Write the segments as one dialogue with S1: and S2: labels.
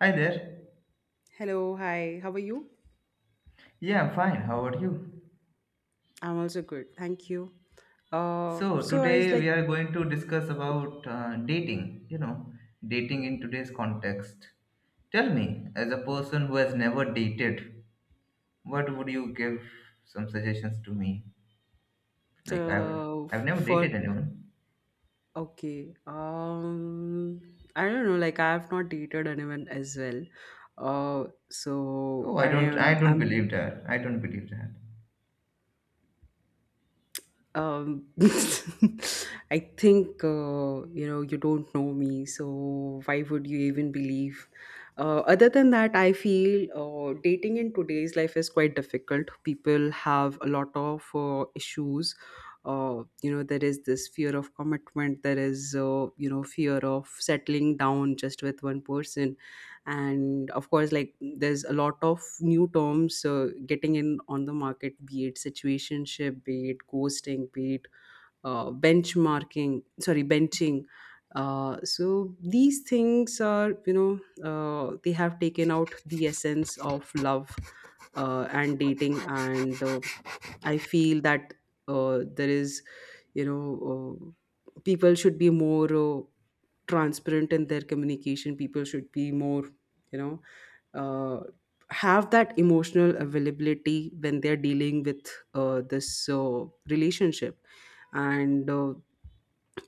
S1: Hi there.
S2: Hello, hi. How are you?
S1: Yeah, I'm fine. How are you?
S2: I'm also good. Thank you. Uh,
S1: So,
S2: so I was
S1: today
S2: like,
S1: we are going to discuss about dating, dating in today's context. Tell me, as a person who has never dated, what would you give some suggestions to me? Like I've
S2: f-
S1: I've never
S2: for
S1: dated anyone.
S2: okay. I don't know. Like, I have not dated anyone as well. So
S1: Oh, I
S2: I
S1: don't
S2: am.
S1: I don't
S2: I'm
S1: believe that. I don't believe that.
S2: um I think, you know, you don't know me, so why would you even believe? Other than that, I feel dating in today's life is quite difficult. People have a lot of issues. You know, there is this fear of commitment. There is, you know, fear of settling down just with one person. And of course, like, there's a lot of new terms getting in on the market, be it situationship, be it ghosting, be it benchmarking, sorry, benching. So these things are, you know, they have taken out the essence of love and dating. And I feel that, there is, you know, people should be more, transparent in their communication. People should be more, you know, uh, have that emotional availability when they're dealing with this relationship. And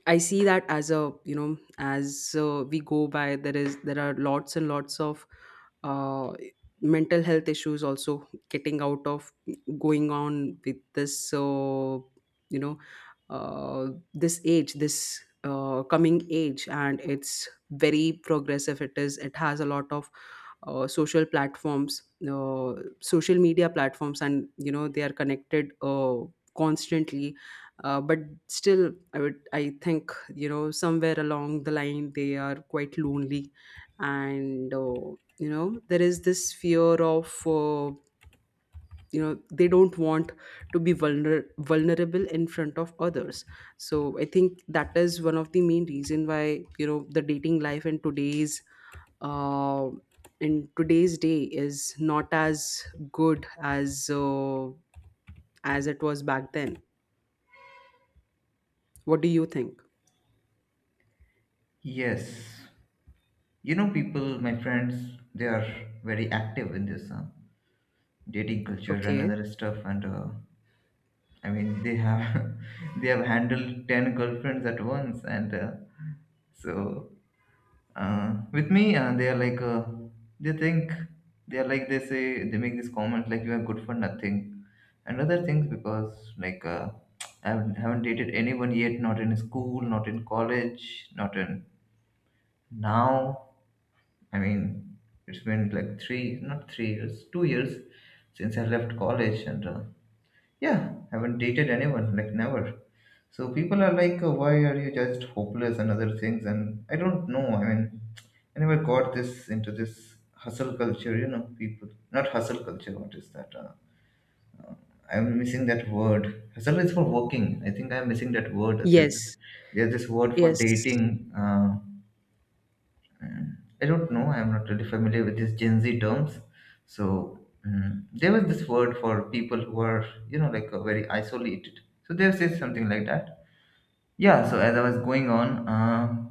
S2: I see that as a, you know, as we go by, there is there are lots and lots of uh, mental health issues also getting out of, going on with this, you know uh, this age, this coming age. And it's very progressive. It is. It has a lot of social platforms, uh, social media platforms, and you know, they are connected constantly. But still, I would, I think, you know, somewhere along the line, they are quite lonely. And you know, there is this fear of, you know, they don't want to be vulnerable in front of others. So I think that is one of the main reason why, you know, the dating life uh, in today's day is not as good as it was back then. What do you think?
S1: Yes. You know, people, my friends, they are very active in this dating culture and
S2: Okay.
S1: other stuff. And I mean, they have they have handled 10 girlfriends at once, and so with me, they are like they think they are like they say they make this comment like you are good for nothing, and other things because like I haven't dated anyone yet, not in school, not in college, not in now. I mean, it's been like three, not 3 years, 2 years since I left college, and yeah, haven't dated anyone, like never. So people are like, "Oh, why are you just hopeless and other things? And I don't know. I mean, I never got this into this hustle culture, people. Not hustle culture, what is that? I'm missing that word. Hustle is for working. I think I'm missing that word. There's this,
S2: Yes.
S1: there's this word for
S2: Yes.
S1: dating. Mm, I don't know. I'm not really familiar with these Gen Z terms. So there was this word for people who are, like very isolated. So they say something like that. Yeah. So as I was going on,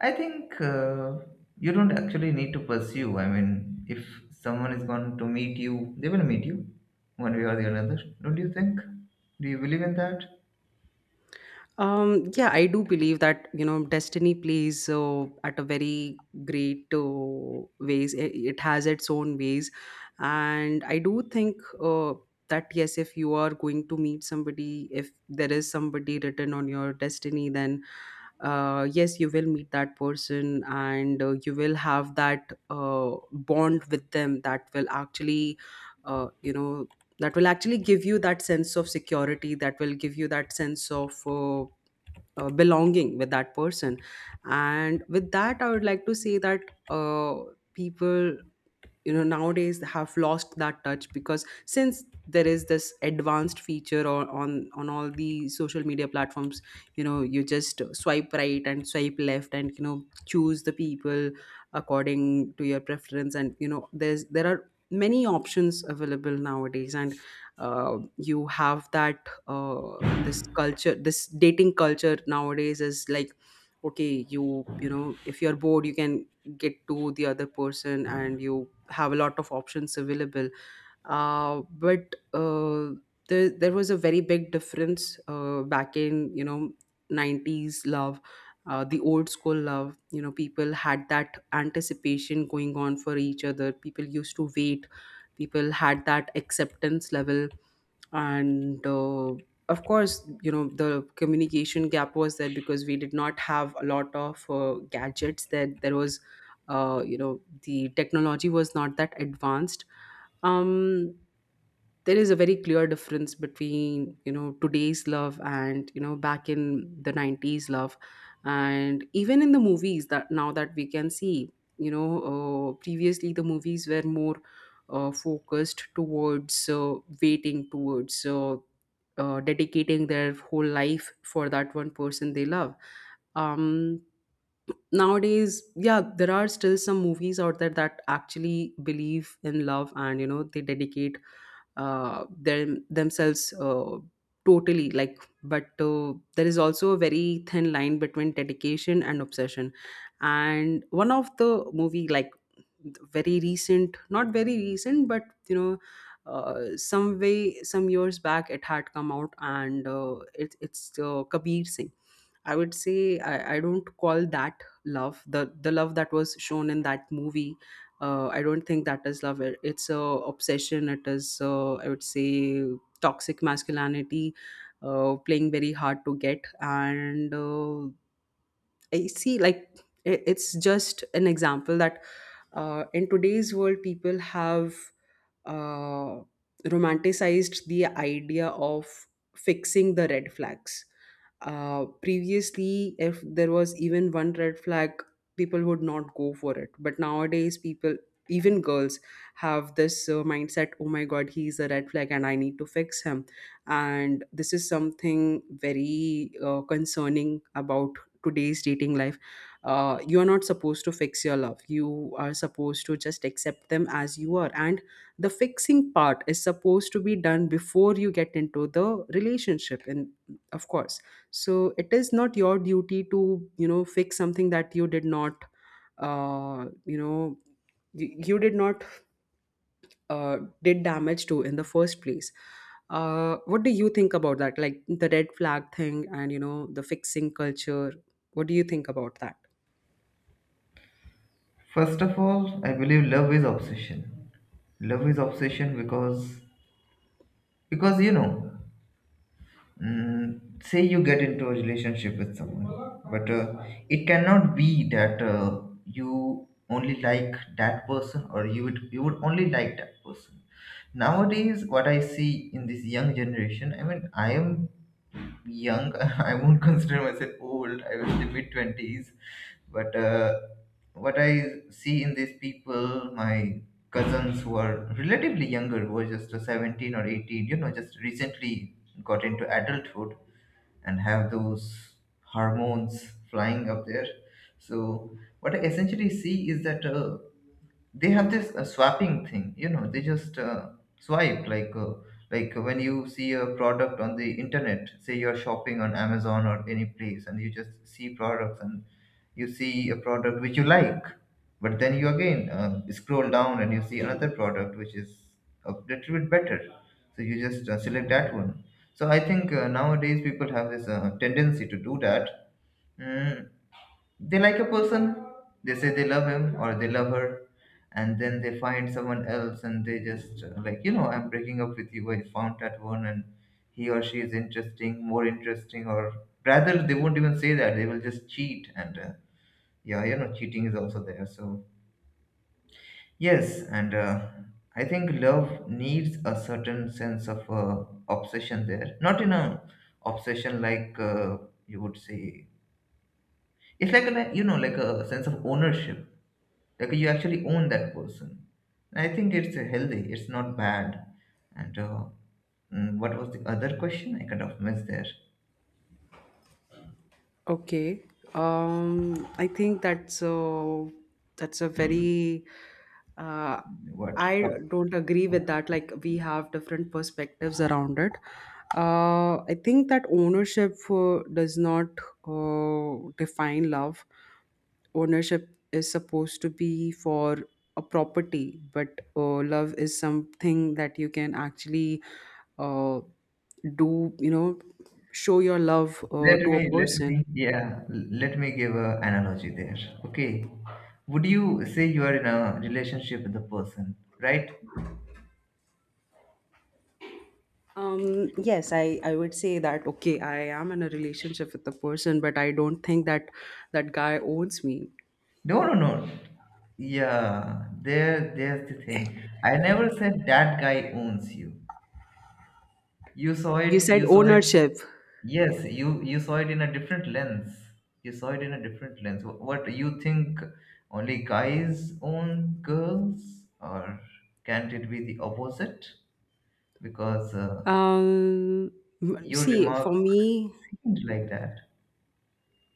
S1: I think you don't actually need to pursue. I mean, if someone is going to meet you, they will meet you, one way or the another. Don't you think? Do you believe in that?
S2: Yeah, I do believe that, you know, destiny plays at a very great ways. It has its own ways. And I do think, uh, that, yes, if you are going to meet somebody, if there is somebody written on your destiny, then yes, you will meet that person, and you will have that bond with them that will actually, you know, that will actually give you that sense of security, that will give you that sense of, belonging with that person. And with that, I would like to say that, people, you know, nowadays have lost that touch, because since there is this advanced feature on on all the social media platforms, you know, you just swipe right and swipe left, and you know, choose the people according to your preference. And you know, there are many options available nowadays. And you have that this culture, this dating culture nowadays is like, okay, you know, if you're bored, you can get to the other person, and you have a lot of options available. But there was a very big difference back in, you know, 90s love, the old school love. You know, people had that anticipation going on for each other. People used to wait. People had that acceptance level. And of course, you know, the communication gap was there, because we did not have a lot of gadgets. That there there was you know, the technology was not that advanced. um there is a very clear difference between, you know, today's love, and you know, back in the 90s love. And even in the movies that, now that we can see, you know, previously the movies were more focused towards, waiting towards dedicating their whole life for that one person they love. um Nowadays, yeah, there are still some movies out there that actually believe in love, and you know, they dedicate themselves totally, like. But there is also a very thin line between dedication and obsession. And one of the movie, like, very recent, not very recent, but you know, some way, some years back, it had come out. And it's Kabir Singh. I would say, I don't call that love. The love that was shown in that movie, I don't think that is love. It's a obsession. It is, I would say, toxic masculinity, playing very hard to get. And I see, like, it's just an example that in today's world, people have uh, romanticized the idea of fixing the red flags. Previously, if there was even one red flag, people would not go for it. But nowadays, people, even girls, have this mindset, oh my god, he's a red flag and I need to fix him. And this is something very concerning about today's dating life. You're not supposed to fix your love. You are supposed to just accept them as you are. And the fixing part is supposed to be done before you get into the relationship. And of course, so it is not your duty to, you know, fix something that you did not, uh, you know you did not uh, did damage to in the first place. What do you think about that, like the red flag thing and you know, the fixing culture? What do you think about that?
S1: First of all, I believe love is obsession. Love is obsession because say you get into a relationship with someone, but it cannot be that you only like that person, or you would only like that person. Nowadays, what I see in this young generation, I mean, I am young. I won't consider myself old. I was in the mid twenties, but what I see in these people, my cousins who are relatively younger, who are just 17 or 18, just recently got into adulthood, and have those hormones flying up there. So what I essentially see is that. They have this swapping thing, they just swipe like when you see a product on the internet, say you're shopping on amazon or any place, and you just see products, and you see a product which you like, but then you again scroll down and you see another product which is a little bit better, so you just select that one. So I think nowadays people have this tendency to do that. Mm, they like a person, they say they love him or they love her, and then they find someone else, and they just like, I'm breaking up with you. I found that one, and he or she is interesting, more interesting. Or rather, they won't even say that. They will just cheat, and yeah, cheating is also there. So, yes, and I think love needs a certain sense of obsession there, not in a obsession like you would say. It's like a sense of ownership. Like you actually own that person. And I think it's healthy. It's not bad. And what was the other question? I kind of missed there.
S2: Okay. I think that's a, that's a very uh,
S1: What?
S2: I
S1: Top.
S2: don't agree with that. Like we have different perspectives around it. I think that ownership does not define love. Ownership is supposed to be for a property, but love is something that you can actually uh, do. You know, show your love
S1: Let
S2: to
S1: me
S2: a
S1: let me
S2: person.
S1: yeah. Let me give a analogy there. Okay. Would you say you are in a relationship with a person, right?
S2: Yes, I would say that okay, I am in a relationship with the person, but I don't think that that guy owns me.
S1: No, no, no. Yeah, there's the thing. I never said that guy owns you. You saw
S2: You
S1: it,
S2: said
S1: you saw it,
S2: ownership.
S1: Yes, you saw it in a different lens. You saw it in a different lens. What you think only guys own girls, or can't it be the opposite? Because
S2: Um,
S1: your
S2: See, for
S1: remark
S2: me,
S1: seemed like that.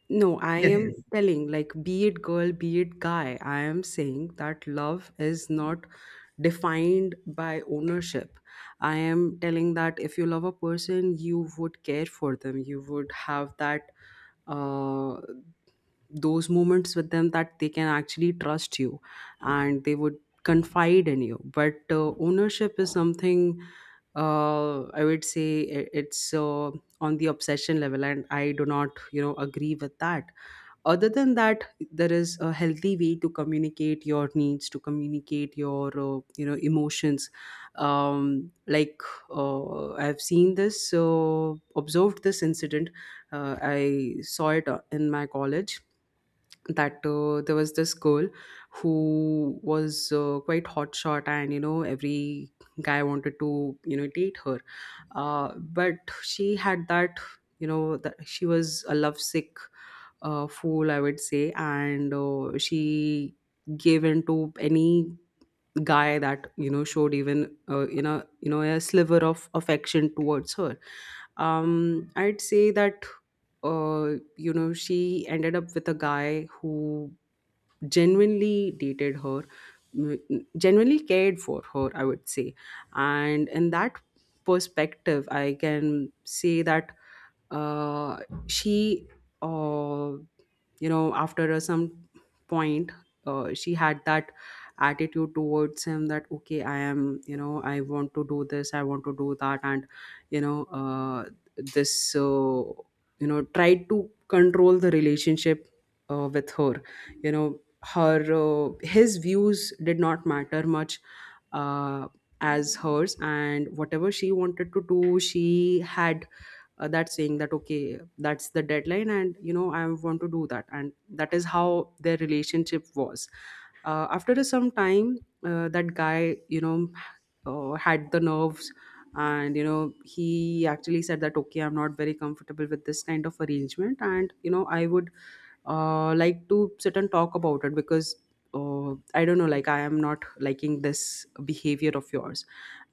S2: no, I
S1: Yes,
S2: am
S1: yes.
S2: telling like, be it girl, be it guy, I am saying that love is not defined by ownership. I am telling that if you love a person, you would care for them, you would have that uh those moments with them that they can actually trust you, and they would confide in you. But ownership is something, I would say it's on the obsession level, and I do not, you know, agree with that. Other than that, there is a healthy way to communicate your needs, to communicate your, you know, emotions. Like, I've seen this, observed this incident. I saw it in my college, that there was this girl who was, quite hotshot, and you know, every guy wanted to, you know, date her. But she had that, you know, that she was a lovesick, fool, I would say. And she gave in to any guy that, you know, showed even, you know, a sliver of affection towards her. I'd say that, you know, she ended up with a guy who genuinely dated her. Mm, genuinely cared for her, I would say. And in that perspective, I can say that uh, she uh, you know, after some point, she had that attitude towards him, that okay, I am, you know, I want to do this, I want to do that. And you know, this you know, tried to control the relationship with her, you know, her, his views did not matter much, uh, as hers. And whatever she wanted to do, she had that saying, that okay, that's the deadline, and you know, I want to do that, and that is how their relationship was. After a some time, that guy, you know, had the nerves. And you know, he actually said that okay, I'm not very comfortable with this kind of arrangement, and you know, I would, like to sit and talk about it, because, I don't know, like, I am not liking this behavior of yours.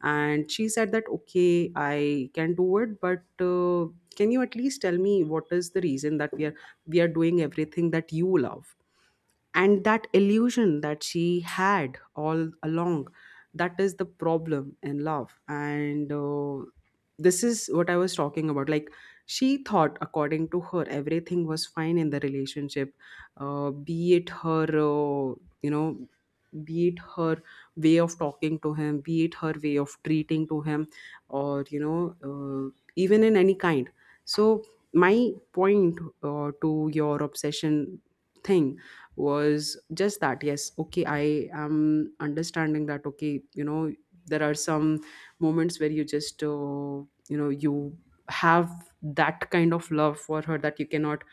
S2: And she said that okay, I can do it, but can you at least tell me what is the reason that we are doing everything that you love? And that illusion that she had all along, that is the problem in love. And this is what I was talking about, like, she thought, according to her, everything was fine in the relationship, be it her, you know be it her way of talking to him, be it her way of treating to him, or you know, even in any kind. So my point, to your obsession thing, was just that, yes okay, I Am understanding that, okay, there are some moments where you just you have that kind of love for her that you cannot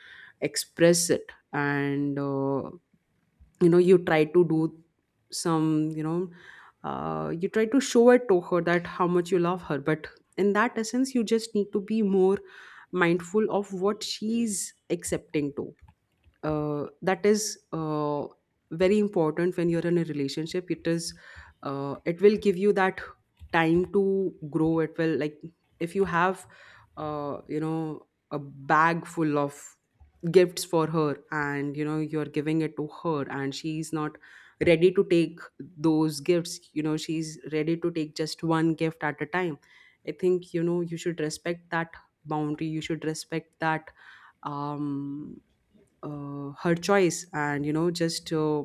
S2: express it. And you try to do some you know you try to show it to her that how much you love her, but in that essence you just need to be more mindful of what she's accepting to. That is very important. When you're in a relationship, it is it will give you that time to grow. It will, like, if you have a bag full of gifts for her and you're giving it to her and she's not ready to take those gifts, she's ready to take just one gift at a time. I think you should respect that boundary, you should respect that um her choice. And just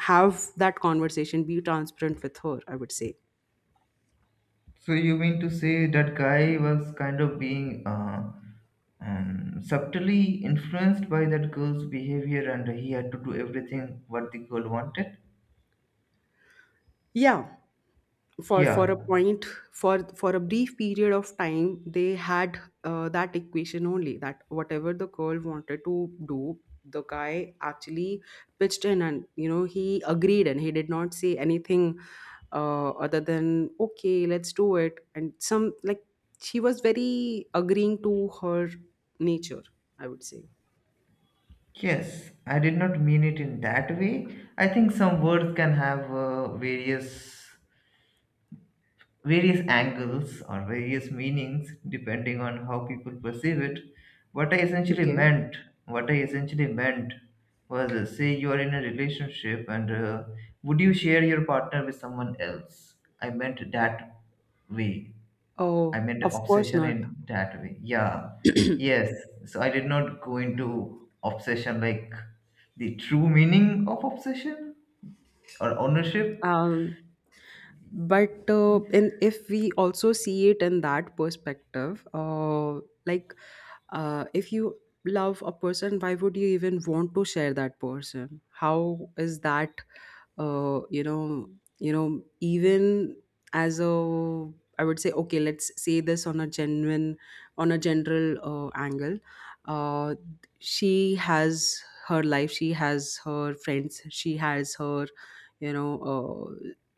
S2: have that conversation, be transparent with her, I would say.
S1: So you mean to say that guy was kind of being subtly influenced by that girl's behavior, and he had to do everything what the girl wanted?
S2: Yeah, for
S1: Yeah.
S2: for a point. For a brief period of time they had that equation only, that whatever the girl wanted to do, the guy actually pitched in and he agreed and he did not say anything other than okay, let's do it. And some, like, she was very agreeing to her nature, I would say.
S1: Yes, I did not mean it in that way. I think some words can have various angles or various meanings depending on how people perceive it. What I essentially
S2: Okay.
S1: meant, what I essentially meant was say you are in a relationship, and would you share your partner with someone else? I meant that way. I
S2: Oh,
S1: meant
S2: of course
S1: obsession
S2: not.
S1: in that way. Yeah. Yes. So I did not go into obsession like the true meaning of obsession or ownership.
S2: um, but and if we also see it in that perspective, like, if you love a person, why would you even want to share that person? How is that uh, you know even as a, I would say, okay, let's say this on a genuine, on a general angle. uh, she has her life, she has her friends, she has her you know uh,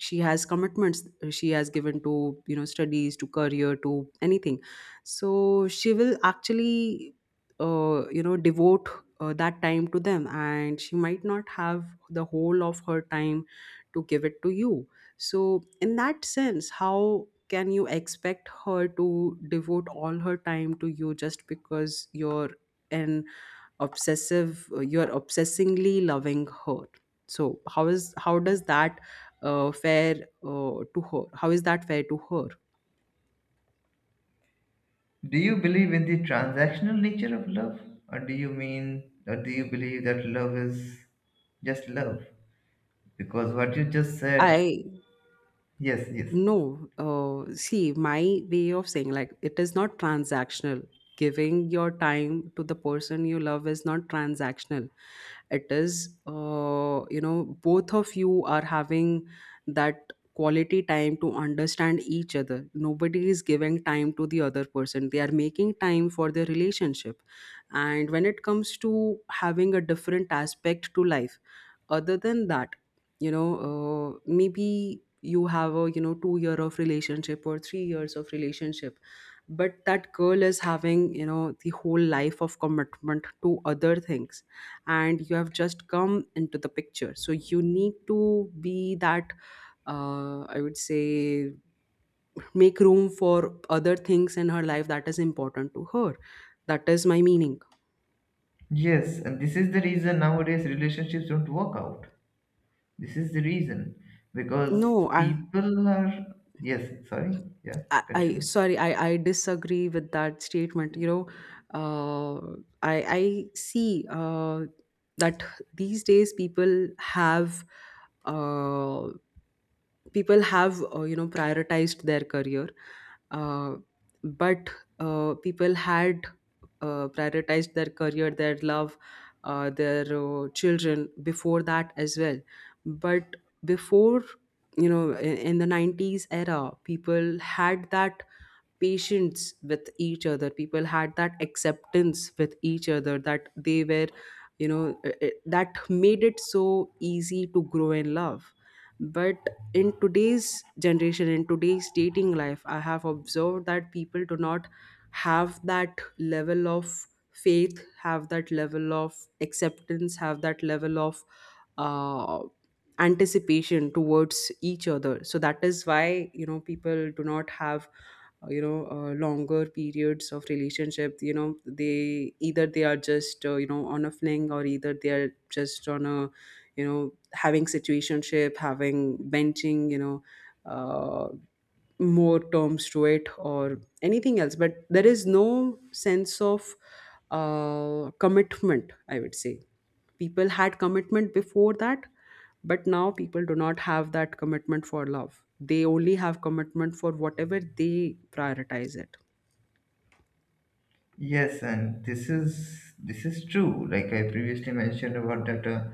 S2: she has commitments she has given to, studies, to career, to anything. So she will actually devote that time to them, and she might not have the whole of her time to give it to you. So in that sense, how can you expect her to devote all her time to you just because you're an obsessive you are obsessingly loving her? So how is, how does that fare, to her? How is that fair to her?
S1: Do you believe in the transactional nature of love? Or do you believe that love is just love? Because what you just said,
S2: I
S1: yes, yes.
S2: no, see, my way of saying, like, it is not transactional. Giving your time to the person you love is not transactional. It is both of you are having that quality time to understand each other. Nobody is giving time to the other person, they are making time for their relationship. And when it comes to having a different aspect to life other than that, maybe you have a, 2-year year of relationship or 3 years of relationship, but that girl is having, the whole life of commitment to other things, and you have just come into the picture. So you need to be that, I would say, make room for other things in her life that is important to her. That is my meaning.
S1: Yes, and this is the reason nowadays relationships don't work out. This is the reason
S2: No.
S1: because
S2: i
S1: people are, yes, sorry, yeah,
S2: I, I
S1: continue.
S2: sorry, I disagree with that statement. Uh, I see that these days uh, people have prioritized their career, uh, but people had prioritized their career, their love, their children before that as well. But before, in the 90s era people had that patience with each other, people had that acceptance with each other, that they were that made it so easy to grow in love. But in today's generation, in today's dating life, I have observed that people do not have that level of faith, have that level of acceptance, have that level of uh, anticipation towards each other. So that is why people do not have longer periods of relationship. They either they are just on a fling, or either they are just on a, having situationship, having benching, uh, more terms to it or anything else. But there is no sense of commitment, I would say. People had commitment before that, but now people do not have that commitment for love. They only have commitment for whatever they prioritize it.
S1: Yes, and this is true. Like I previously mentioned about that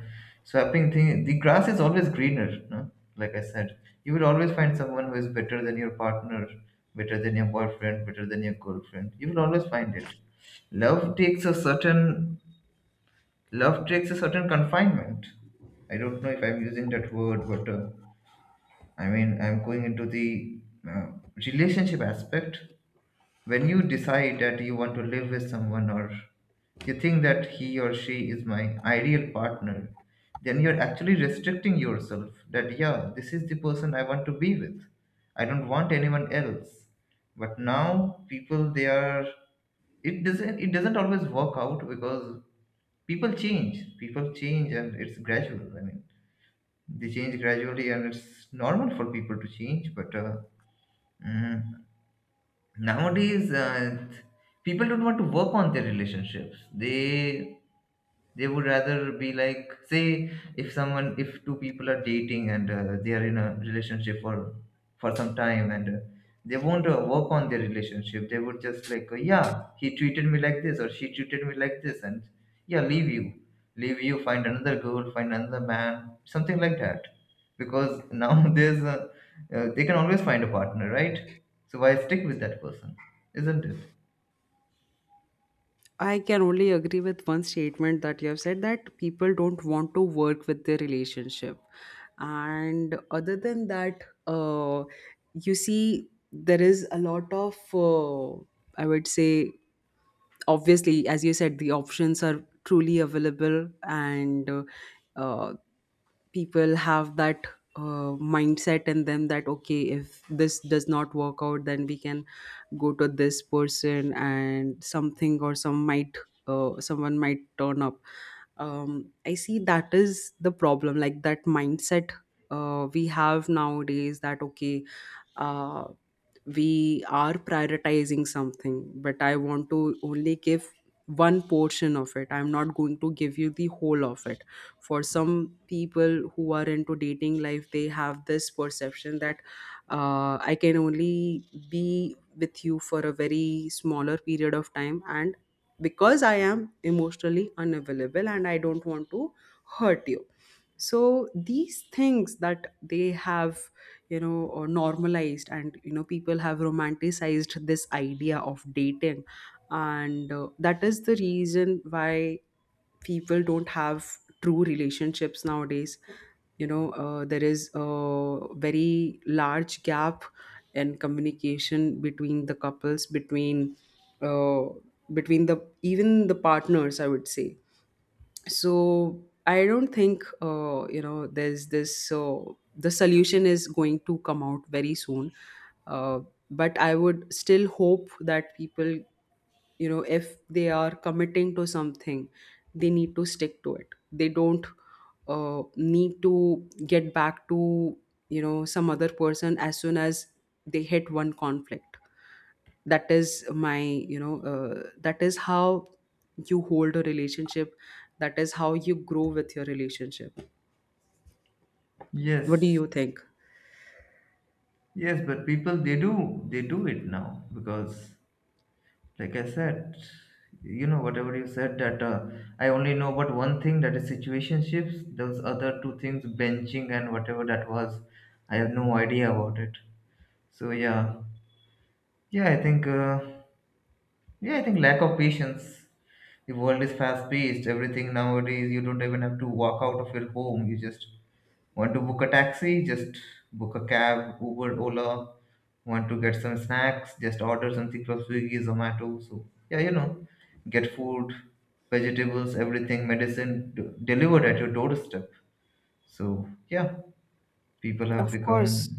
S1: swapping thing, the grass is always greener. No, like I said, you will always find someone who is better than your partner, better than your boyfriend, better than your girlfriend. You will always find it. Love takes a certain love takes a certain confinement. I don't know if I'm using that word, but I mean I'm going into the uh, relationship aspect. When you decide that you want to live with someone, or you think that he or she is my ideal partner, then you're actually restricting yourself that, yeah, this is the person I want to be with. I don't want anyone else. But now people, they are, it doesn't always work out because people change. People change and it's gradual. I mean, they change gradually and it's normal for people to change, but mm, nowadays people don't want to work on their relationships. They would rather be like, say if someone if two people are dating, and they are in a relationship for some time, and they won't work on their relationship. They would just like, yeah, he treated me like this or she treated me like this, and yeah, leave you find another girl, find another man, something like that. Because now there's a they can always find a partner, right? So why stick with that person, isn't it?
S2: I can only agree with one statement that you have said, that people don't want to work with their relationship. And other than that, you see, there is a lot of, I would say, obviously, as you said, the options are truly available, and uh, people have that mindset in them, that okay, if this does not work out, then we can go to this person, and something, or some might, someone might turn up. I see, that is the problem, like that mindset we have nowadays, that okay, uh, we are prioritizing something, but I want to only give one portion of it, I'm not going to give you the whole of it. For some people who are into dating life, they have this perception that I can only be with you for a very smaller period of time, and because I am emotionally unavailable and I don't want to hurt you. So these things that they have, normalized, and people have romanticized this idea of dating, and that is the reason why people don't have true relationships nowadays. There is a very large gap in communication between the couples, between uh, between the, even the partners, I would say. So I don't think there's this the solution is going to come out very soon. uh, but I would still hope that people, if they are committing to something, they need to stick to it. They don't need to get back to, some other person as soon as they hit one conflict. That is my, that is how you hold a relationship, that is how you grow with your relationship. What do
S1: Yes,
S2: you think?
S1: yes, but people they do it now because, like I said, whatever you said that I only know about one thing, that is situationships. Those other two things, benching and whatever that was, I have no idea about it. So yeah, yeah, I think uh, yeah, I think lack of patience. The world is fast paced. Everything nowadays, you don't even have to walk out of your home. You just want to book a taxi? Just book a cab, Uber, Ola. Want to get some snacks? Just order something from Swiggy, Zomato. So, yeah, get food, vegetables, everything, medicine delivered at your doorstep. So, yeah, people have
S2: Of
S1: become
S2: course.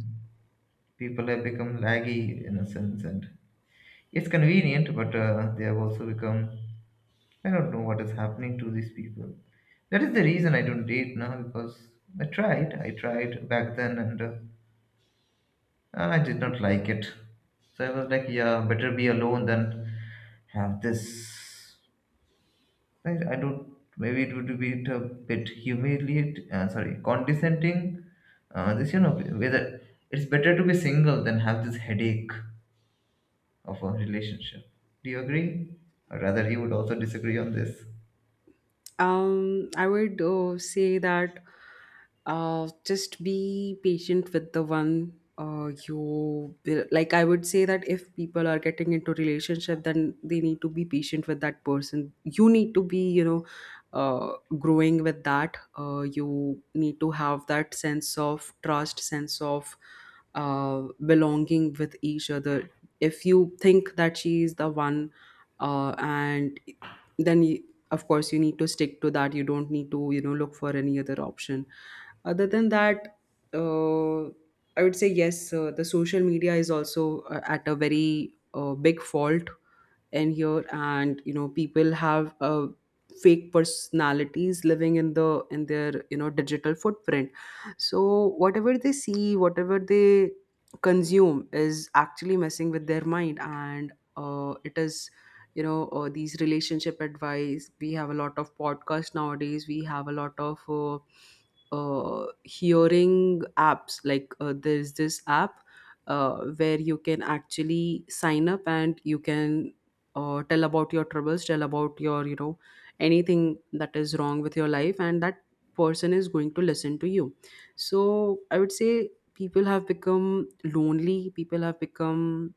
S1: people have become laggy in a sense, and it's convenient, but they have also become. I don't know what is happening to these people. That is the reason I don't date now because I tried. I tried back then, and I did not like
S2: Okay.
S1: it. So I was like, yeah, better be alone than have this. I don't, maybe it would be a bit humiliate, sorry, condescending. This, whether it's better to be single than have this headache of a relationship. Do you agree? Or rather, he would also disagree on this.
S2: I would say that just be patient with the one like. I would say that if people are getting into relationship, then they need to be patient with that person. You need to be, growing with that. You need to have that sense of trust, sense of belonging with each other. If you think that she is the one, and then you, of course you need to stick to that. You don't need to, look for any other option other than that. uh, I would say, yes, the social media is also at a very big fault in here, and people have fake personalities living in the, in their, digital footprint. So whatever they see, whatever they consume is actually messing with their mind. And it is, these relationship advice, we have a lot of podcasts nowadays, we have a lot of hearing apps, like, there's this app where you can actually sign up, and you can tell about your troubles, tell about your, anything that is wrong with your life, and that person is going to listen to you. So I would say people have become lonely, people have become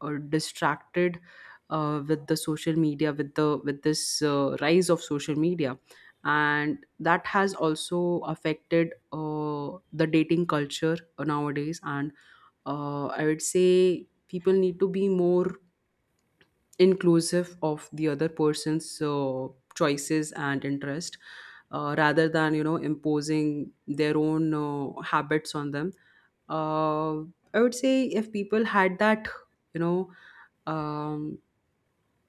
S2: distracted with the social media, with the, with this rise of social media, and that has also affected the dating culture nowadays. And I would say people need to be more inclusive of the other person's choices and interest, rather than imposing their own habits on them. uh, I would say, if people had that, you know um,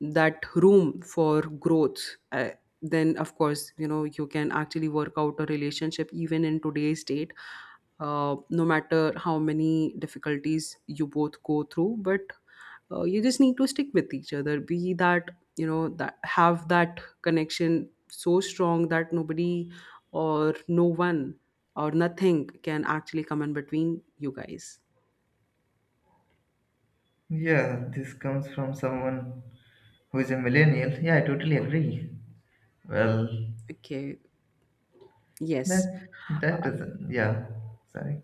S2: that room for growth, uh, then of course you can actually work out a relationship even in today's date, no matter how many difficulties you both go through. But you just need to stick with each other, be that, that, have that connection so strong that nobody, or no one, or nothing can actually come in between you guys.
S1: Yeah, this comes from someone who is a millennial. Yeah, I totally agree. Well,
S2: Okay. Yes.
S1: that
S2: uh,
S1: that doesn't. Yeah, sorry.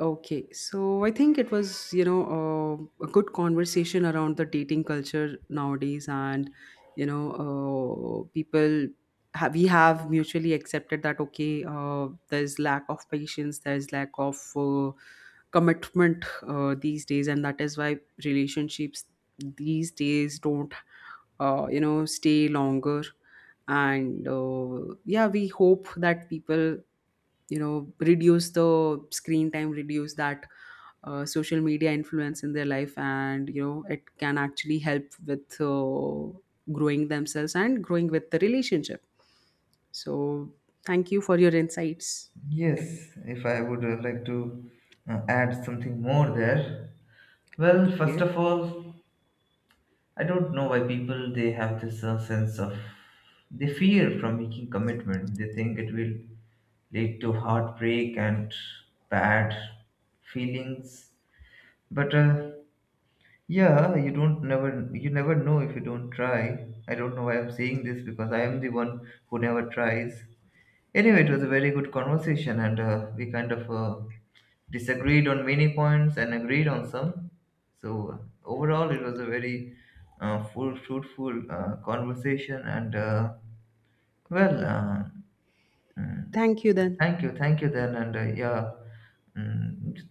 S2: Okay, so I think it was, a good conversation around the dating culture nowadays, and people have, we have mutually accepted that okay, there's lack of patience, there's lack of commitment these days, and that is why relationships these days don't, stay longer. And yeah, we hope that people, reduce the screen time, reduce that social media influence in their life, and it can actually help with growing themselves and growing with the relationship. So thank you for your insights.
S1: Yes, if I would like to add something more there. Well, first
S2: Okay.
S1: of all, I don't know why people they have this sense of they fear from making commitment. They think it will lead to heartbreak and bad feelings. But yeah, you never know if you don't try. I don't know why I'm saying this because I am the one who never tries. Anyway, it was a very good conversation, and we kind of disagreed on many points and agreed on some. So overall, it was a very full, fruitful conversation. And well, mm,
S2: Thank you then.
S1: thank you then, and yeah, mm,